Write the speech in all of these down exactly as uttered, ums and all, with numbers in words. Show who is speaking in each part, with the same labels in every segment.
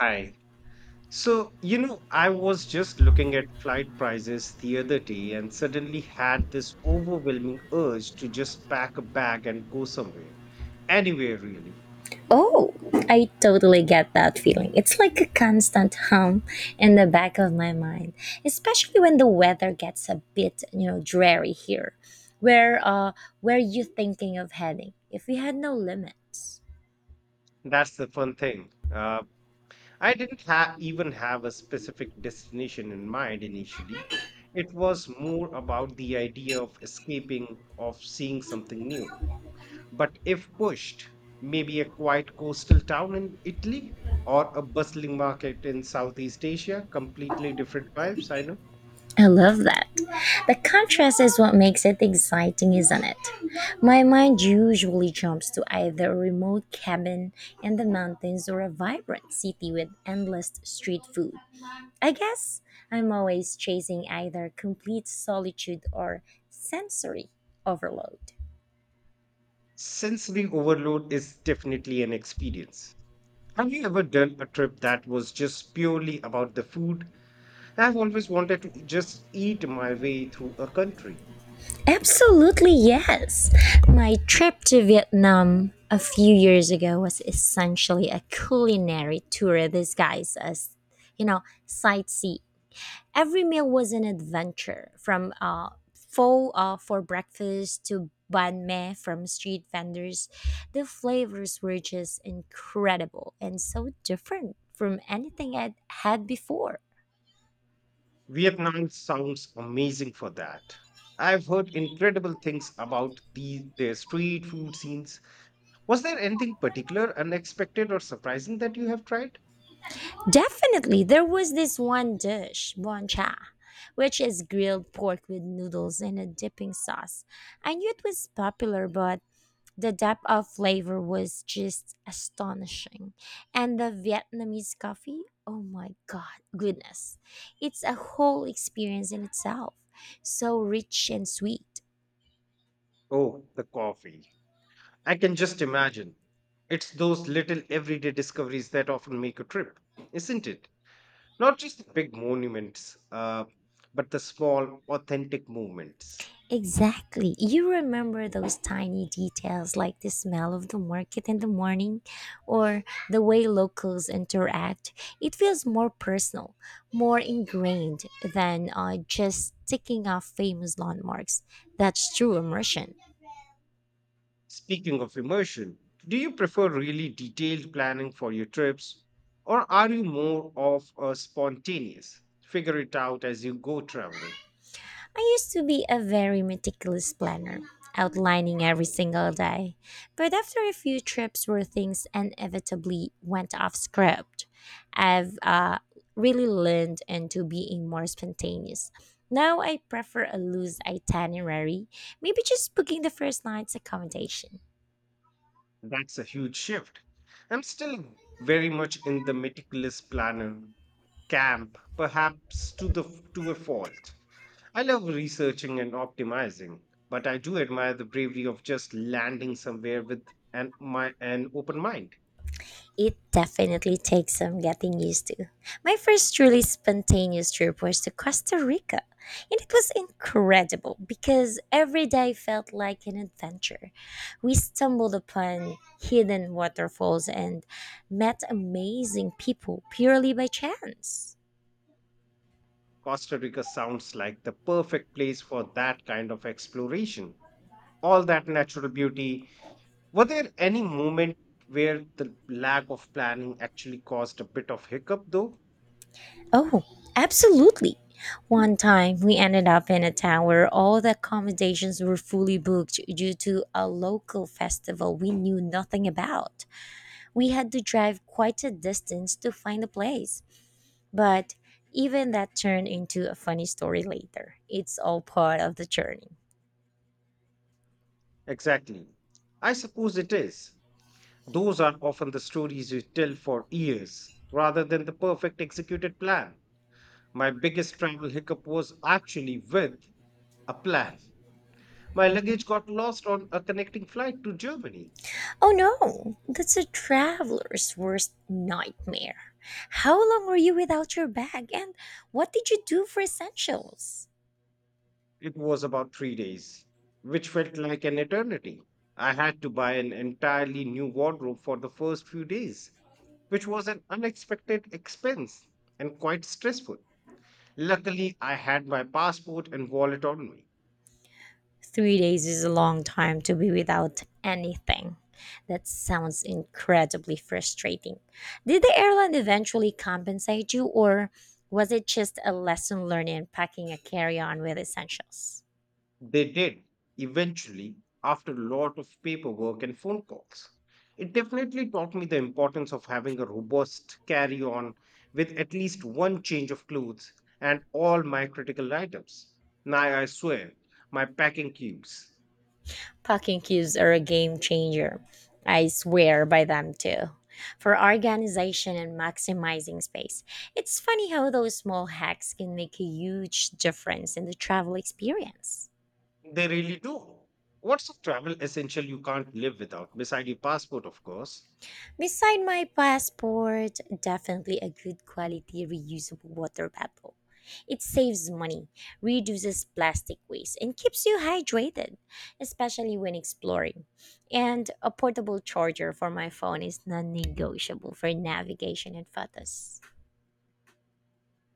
Speaker 1: Hi. So, you know, I was just looking at flight prices the other day and suddenly had this overwhelming urge to just pack a bag and go somewhere. Anywhere, really.
Speaker 2: Oh, I totally get that feeling. It's like a constant hum in the back of my mind, especially when the weather gets a bit, you know, dreary here. Where uh where you thinking of heading if we had no limits?
Speaker 1: That's the fun thing. Uh, I didn't ha even have a specific destination in mind initially. It was more about the idea of escaping, of seeing something new. But if pushed, maybe a quiet coastal town in Italy or a bustling market in Southeast Asia, completely different vibes, I know.
Speaker 2: I love that. The contrast is what makes it exciting, isn't it? My mind usually jumps to either a remote cabin in the mountains or a vibrant city with endless street food. I guess I'm always chasing either complete solitude or sensory overload.
Speaker 1: Sensory overload is definitely an experience. Have you ever done a trip that was just purely about the food? I've always wanted to just eat my way through a country.
Speaker 2: Absolutely, yes. My trip to Vietnam a few years ago was essentially a culinary tour disguised as, you know, sightseeing. Every meal was an adventure, from uh, pho uh, for breakfast to banh mi from street vendors. The flavors were just incredible and so different from anything I'd had before.
Speaker 1: Vietnam sounds amazing for that. I've heard incredible things about the, their street food scenes. Was there anything particular, unexpected, or surprising that you have tried?
Speaker 2: Definitely, there was this one dish, boncha, which is grilled pork with noodles and a dipping sauce. I knew it was popular, but the depth of flavor was just astonishing. And the Vietnamese coffee, oh my god, goodness. It's a whole experience in itself. So rich and sweet.
Speaker 1: Oh, the coffee. I can just imagine. It's those little everyday discoveries that often make a trip, isn't it? Not just the big monuments, uh, but the small, authentic moments.
Speaker 2: Exactly. You remember those tiny details like the smell of the market in the morning or the way locals interact. It feels more personal, more ingrained than uh, just ticking off famous landmarks. That's true immersion.
Speaker 1: Speaking of immersion, do you prefer really detailed planning for your trips, or are you more of a spontaneous, figure it out as you go traveler?
Speaker 2: I used to be a very meticulous planner, outlining every single day. But after a few trips where things inevitably went off script, I've uh, really learned into being more spontaneous. Now I prefer a loose itinerary, maybe just booking the first night's accommodation.
Speaker 1: That's a huge shift. I'm still very much in the meticulous planner camp, perhaps to the to a fault. I love researching and optimizing, but I do admire the bravery of just landing somewhere with an my an open mind.
Speaker 2: It definitely takes some getting used to. My first truly spontaneous trip was to Costa Rica, and it was incredible because every day felt like an adventure. We stumbled upon hidden waterfalls and met amazing people purely by chance.
Speaker 1: Costa Rica sounds like the perfect place for that kind of exploration. All that natural beauty. Were there any moment where the lack of planning actually caused a bit of hiccup, though?
Speaker 2: Oh, absolutely. One time we ended up in a town where all the accommodations were fully booked due to a local festival we knew nothing about. We had to drive quite a distance to find a place. But even that turned into a funny story later. It's all part of the journey.
Speaker 1: Exactly. I suppose it is. Those are often the stories you tell for years rather than the perfect executed plan. My biggest travel hiccup was actually with a plan. My luggage got lost on a connecting flight to Germany.
Speaker 2: Oh no, that's a traveler's worst nightmare. How long were you without your bag and what did you do for essentials?
Speaker 1: It was about three days, which felt like an eternity. I had to buy an entirely new wardrobe for the first few days, which was an unexpected expense and quite stressful. Luckily, I had my passport and wallet on me.
Speaker 2: Three days is a long time to be without anything. That sounds incredibly frustrating. Did the airline eventually compensate you, or was it just a lesson learned in packing a carry on with essentials?
Speaker 1: They did eventually, after a lot of paperwork and phone calls. It definitely taught me the importance of having a robust carry on with at least one change of clothes and all my critical items. Now I swear, my packing cubes.
Speaker 2: Packing cubes are a game changer. I swear by them too. For organization and maximizing space, it's funny how those small hacks can make a huge difference in the travel experience.
Speaker 1: They really do. What's a travel essential you can't live without, beside your passport, of course?
Speaker 2: Beside my passport, definitely a good quality reusable water bottle. It saves money, reduces plastic waste, and keeps you hydrated, especially when exploring. And a portable charger for my phone is non negotiable for navigation and photos.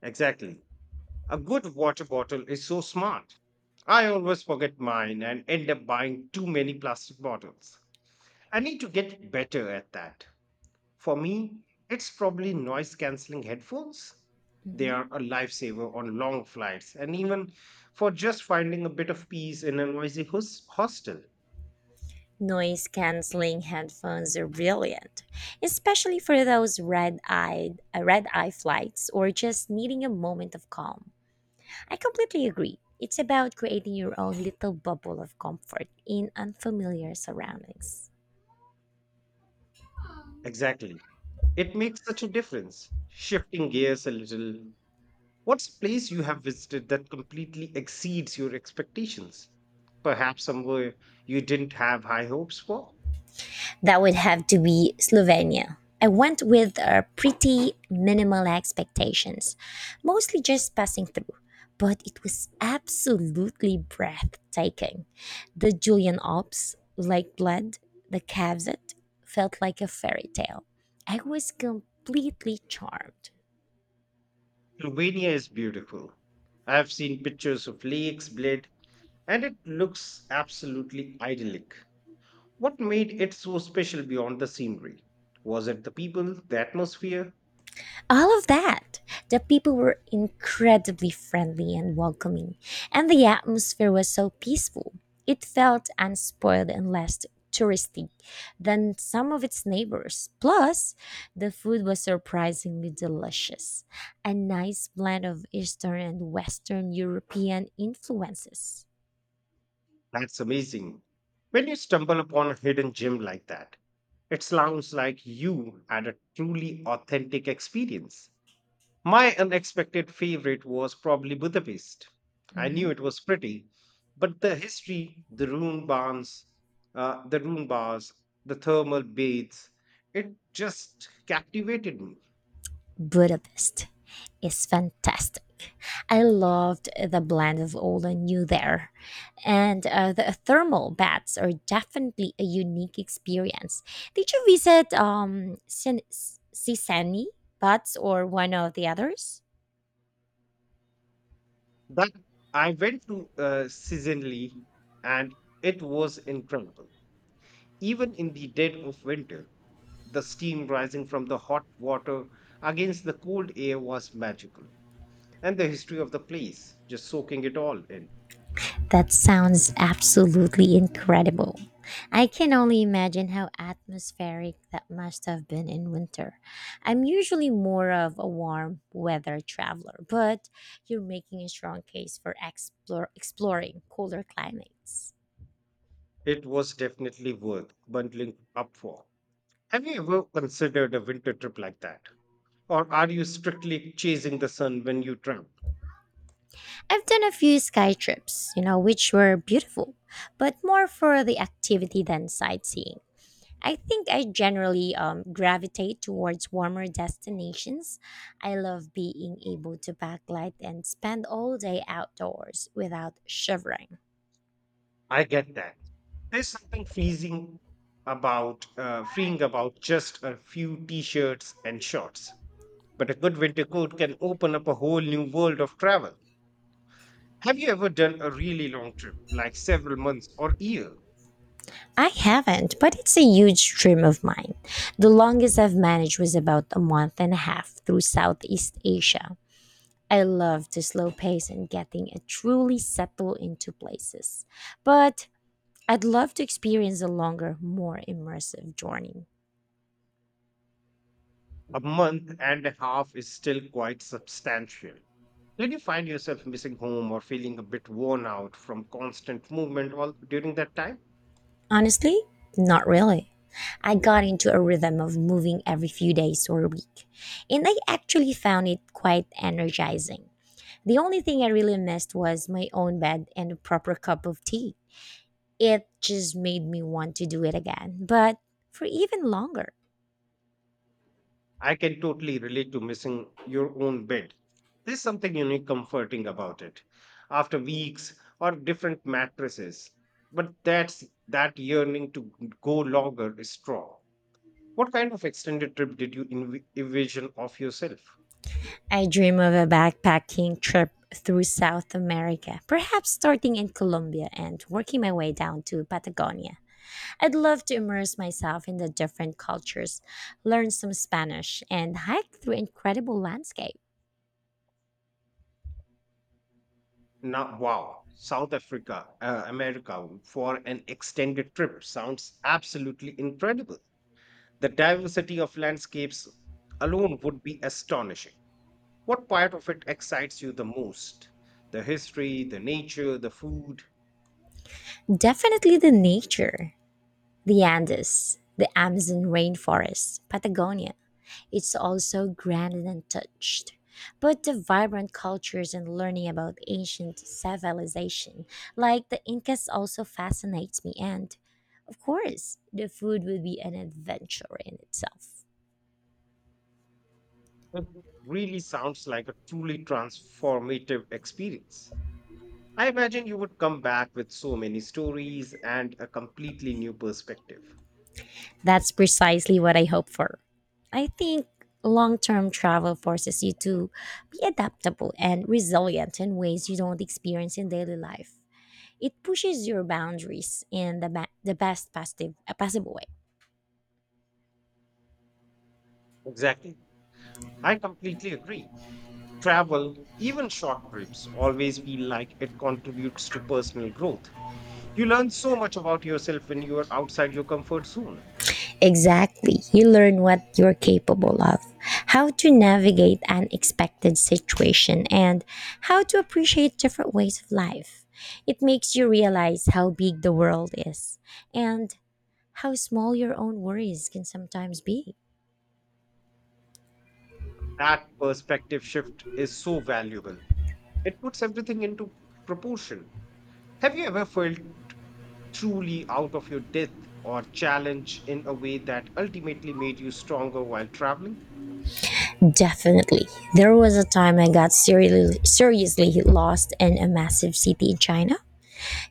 Speaker 1: Exactly. A good water bottle is so smart. I always forget mine and end up buying too many plastic bottles. I need to get better at that. For me, it's probably noise cancelling headphones. They
Speaker 2: Mhm.
Speaker 1: are a lifesaver on long flights and even for just finding a bit of peace in a noisy hos- hostel.
Speaker 2: Noise canceling headphones are brilliant, especially for those red-eyed, uh, red-eye flights or just needing a moment of calm. I completely agree. It's about creating your own little bubble of comfort in unfamiliar surroundings.
Speaker 1: Exactly. It makes such a difference. Shifting gears a little, what's a place you have visited that completely exceeds your expectations? Perhaps somewhere you didn't have high hopes for?
Speaker 2: That would have to be Slovenia. I went with uh, pretty minimal expectations, mostly just passing through, but it was absolutely breathtaking. The Julian Alps, like blood, the Cavite felt like a fairy tale. I was completely charmed.
Speaker 1: Slovenia is beautiful. I have seen pictures of lakes, bled, and it looks absolutely idyllic. What made it so special beyond the scenery? Was it the people, the atmosphere?
Speaker 2: All of that. The people were incredibly friendly and welcoming, and the atmosphere was so peaceful. It felt unspoiled and less touristy than some of its neighbors. Plus, the food was surprisingly delicious, a nice blend of Eastern and Western European influences.
Speaker 1: That's amazing. When you stumble upon a hidden gem like that, it sounds like you had a truly authentic experience. My unexpected favorite was probably Budapest. I
Speaker 2: Mhm.
Speaker 1: knew it was pretty, but the history, the rune barns, uh, the rune bars, the thermal baths, it just captivated me.
Speaker 2: Budapest is fantastic. I loved the blend of old and new there. And uh, the thermal baths are definitely a unique experience. Did you visit um, Sin- S- Sisani baths or one of the others?
Speaker 1: That, I went to uh, seasonally, and it was incredible. Even in the dead of winter, the steam rising from the hot water against the cold air was magical, and the history of the place, just soaking it all in.
Speaker 2: That sounds absolutely incredible. I can only imagine how atmospheric that must have been in winter. I'm usually more of a warm weather traveler, but you're making a strong case for explore, exploring cooler climates.
Speaker 1: It was definitely worth bundling up for. Have you ever considered a winter trip like that? Or are you strictly chasing the sun when you travel?
Speaker 2: I've done a few sky trips, you know, which were beautiful, but more for the activity than sightseeing. I think I generally um, gravitate towards warmer destinations. I love being able to backlight and spend all day outdoors without shivering.
Speaker 1: I get that. There's something freezing about uh, freeing about just a few t-shirts and shorts. But a good winter coat can open up a whole new world of travel. Have you ever done a really long trip, like several months or year?
Speaker 2: I haven't, but it's a huge dream of mine. The longest I've managed was about a month and a half through Southeast Asia. I love the slow pace and getting a truly settle into places. But I'd love to experience a longer, more immersive journey.
Speaker 1: A month and a half is still quite substantial. Did you find yourself missing home or feeling a bit worn out from constant movement all during that time?
Speaker 2: Honestly, not really. I got into a rhythm of moving every few days or a week, and I actually found it quite energizing. The only thing I really missed was my own bed and a proper cup of tea. It just made me want to do it again, but for even longer.
Speaker 1: I can totally relate to missing your own bed. There's something unique comforting about it after weeks or different mattresses. But that's that yearning to go longer is strong. What kind of extended trip did you envi- envision of yourself?
Speaker 2: I dream of a backpacking trip through South America, perhaps starting in Colombia and working my way down to Patagonia. I'd love to immerse myself in the different cultures, learn some Spanish, and hike through incredible landscape.
Speaker 1: Now, wow, South Africa, uh, America for an extended trip sounds absolutely incredible. The diversity of landscapes alone would be astonishing. What part of it excites you the most? The history, the nature, the food?
Speaker 2: Definitely the nature, the Andes, the Amazon rainforest, Patagonia. It's all so grand and untouched. But the vibrant cultures and learning about ancient civilization, like the Incas, also fascinates me. And, of course, the food will be an adventure in itself.
Speaker 1: It really sounds like a truly transformative experience. I imagine you would come back with so many stories and a completely new perspective.
Speaker 2: That's precisely what I hope for. I think long term travel forces you to be adaptable and resilient in ways you don't experience in daily life. It pushes your boundaries in the, ba- the best positive, uh, possible way.
Speaker 1: Exactly. I completely agree. Travel, even short trips, always feel like it contributes to personal growth. You learn so much about yourself when you are outside your comfort zone.
Speaker 2: Exactly. You learn what you're capable of, how to navigate unexpected situation, and how to appreciate different ways of life. It makes you realize how big the world is and how small your own worries can sometimes be.
Speaker 1: That perspective shift is so valuable. It puts everything into proportion. Have you ever felt truly out of your depth or challenged in a way that ultimately made you stronger while traveling?
Speaker 2: Definitely. There was a time I got seriously, seriously lost in a massive city in China.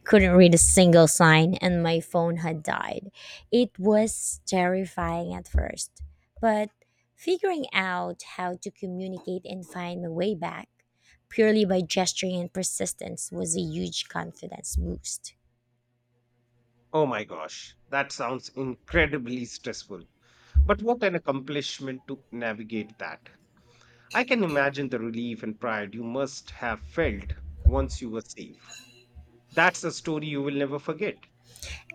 Speaker 2: Couldn't read a single sign, and my phone had died. It was terrifying at first, but figuring out how to communicate and find my way back purely by gesturing and persistence was a huge confidence boost.
Speaker 1: Oh my gosh, that sounds incredibly stressful. But what an accomplishment to navigate that. I can imagine the relief and pride you must have felt once you were safe. That's a story you will never forget.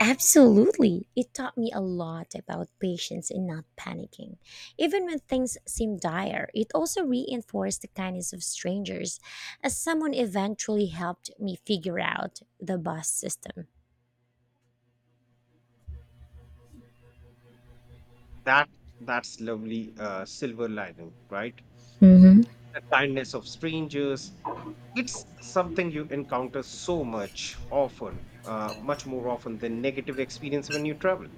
Speaker 2: Absolutely. It taught me a lot about patience and not panicking. Even when things seem dire, it also reinforced the kindness of strangers, as someone eventually helped me figure out the bus system.
Speaker 1: That that's lovely uh, silver lining, right?
Speaker 2: Mm-hmm.
Speaker 1: The kindness of strangers. It's something you encounter so much often, uh, much more often than negative experience when you travel.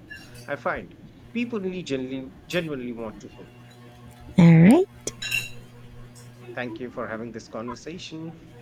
Speaker 1: I find people really genuinely, genuinely want to help.
Speaker 2: All right.
Speaker 1: Thank you for having this conversation.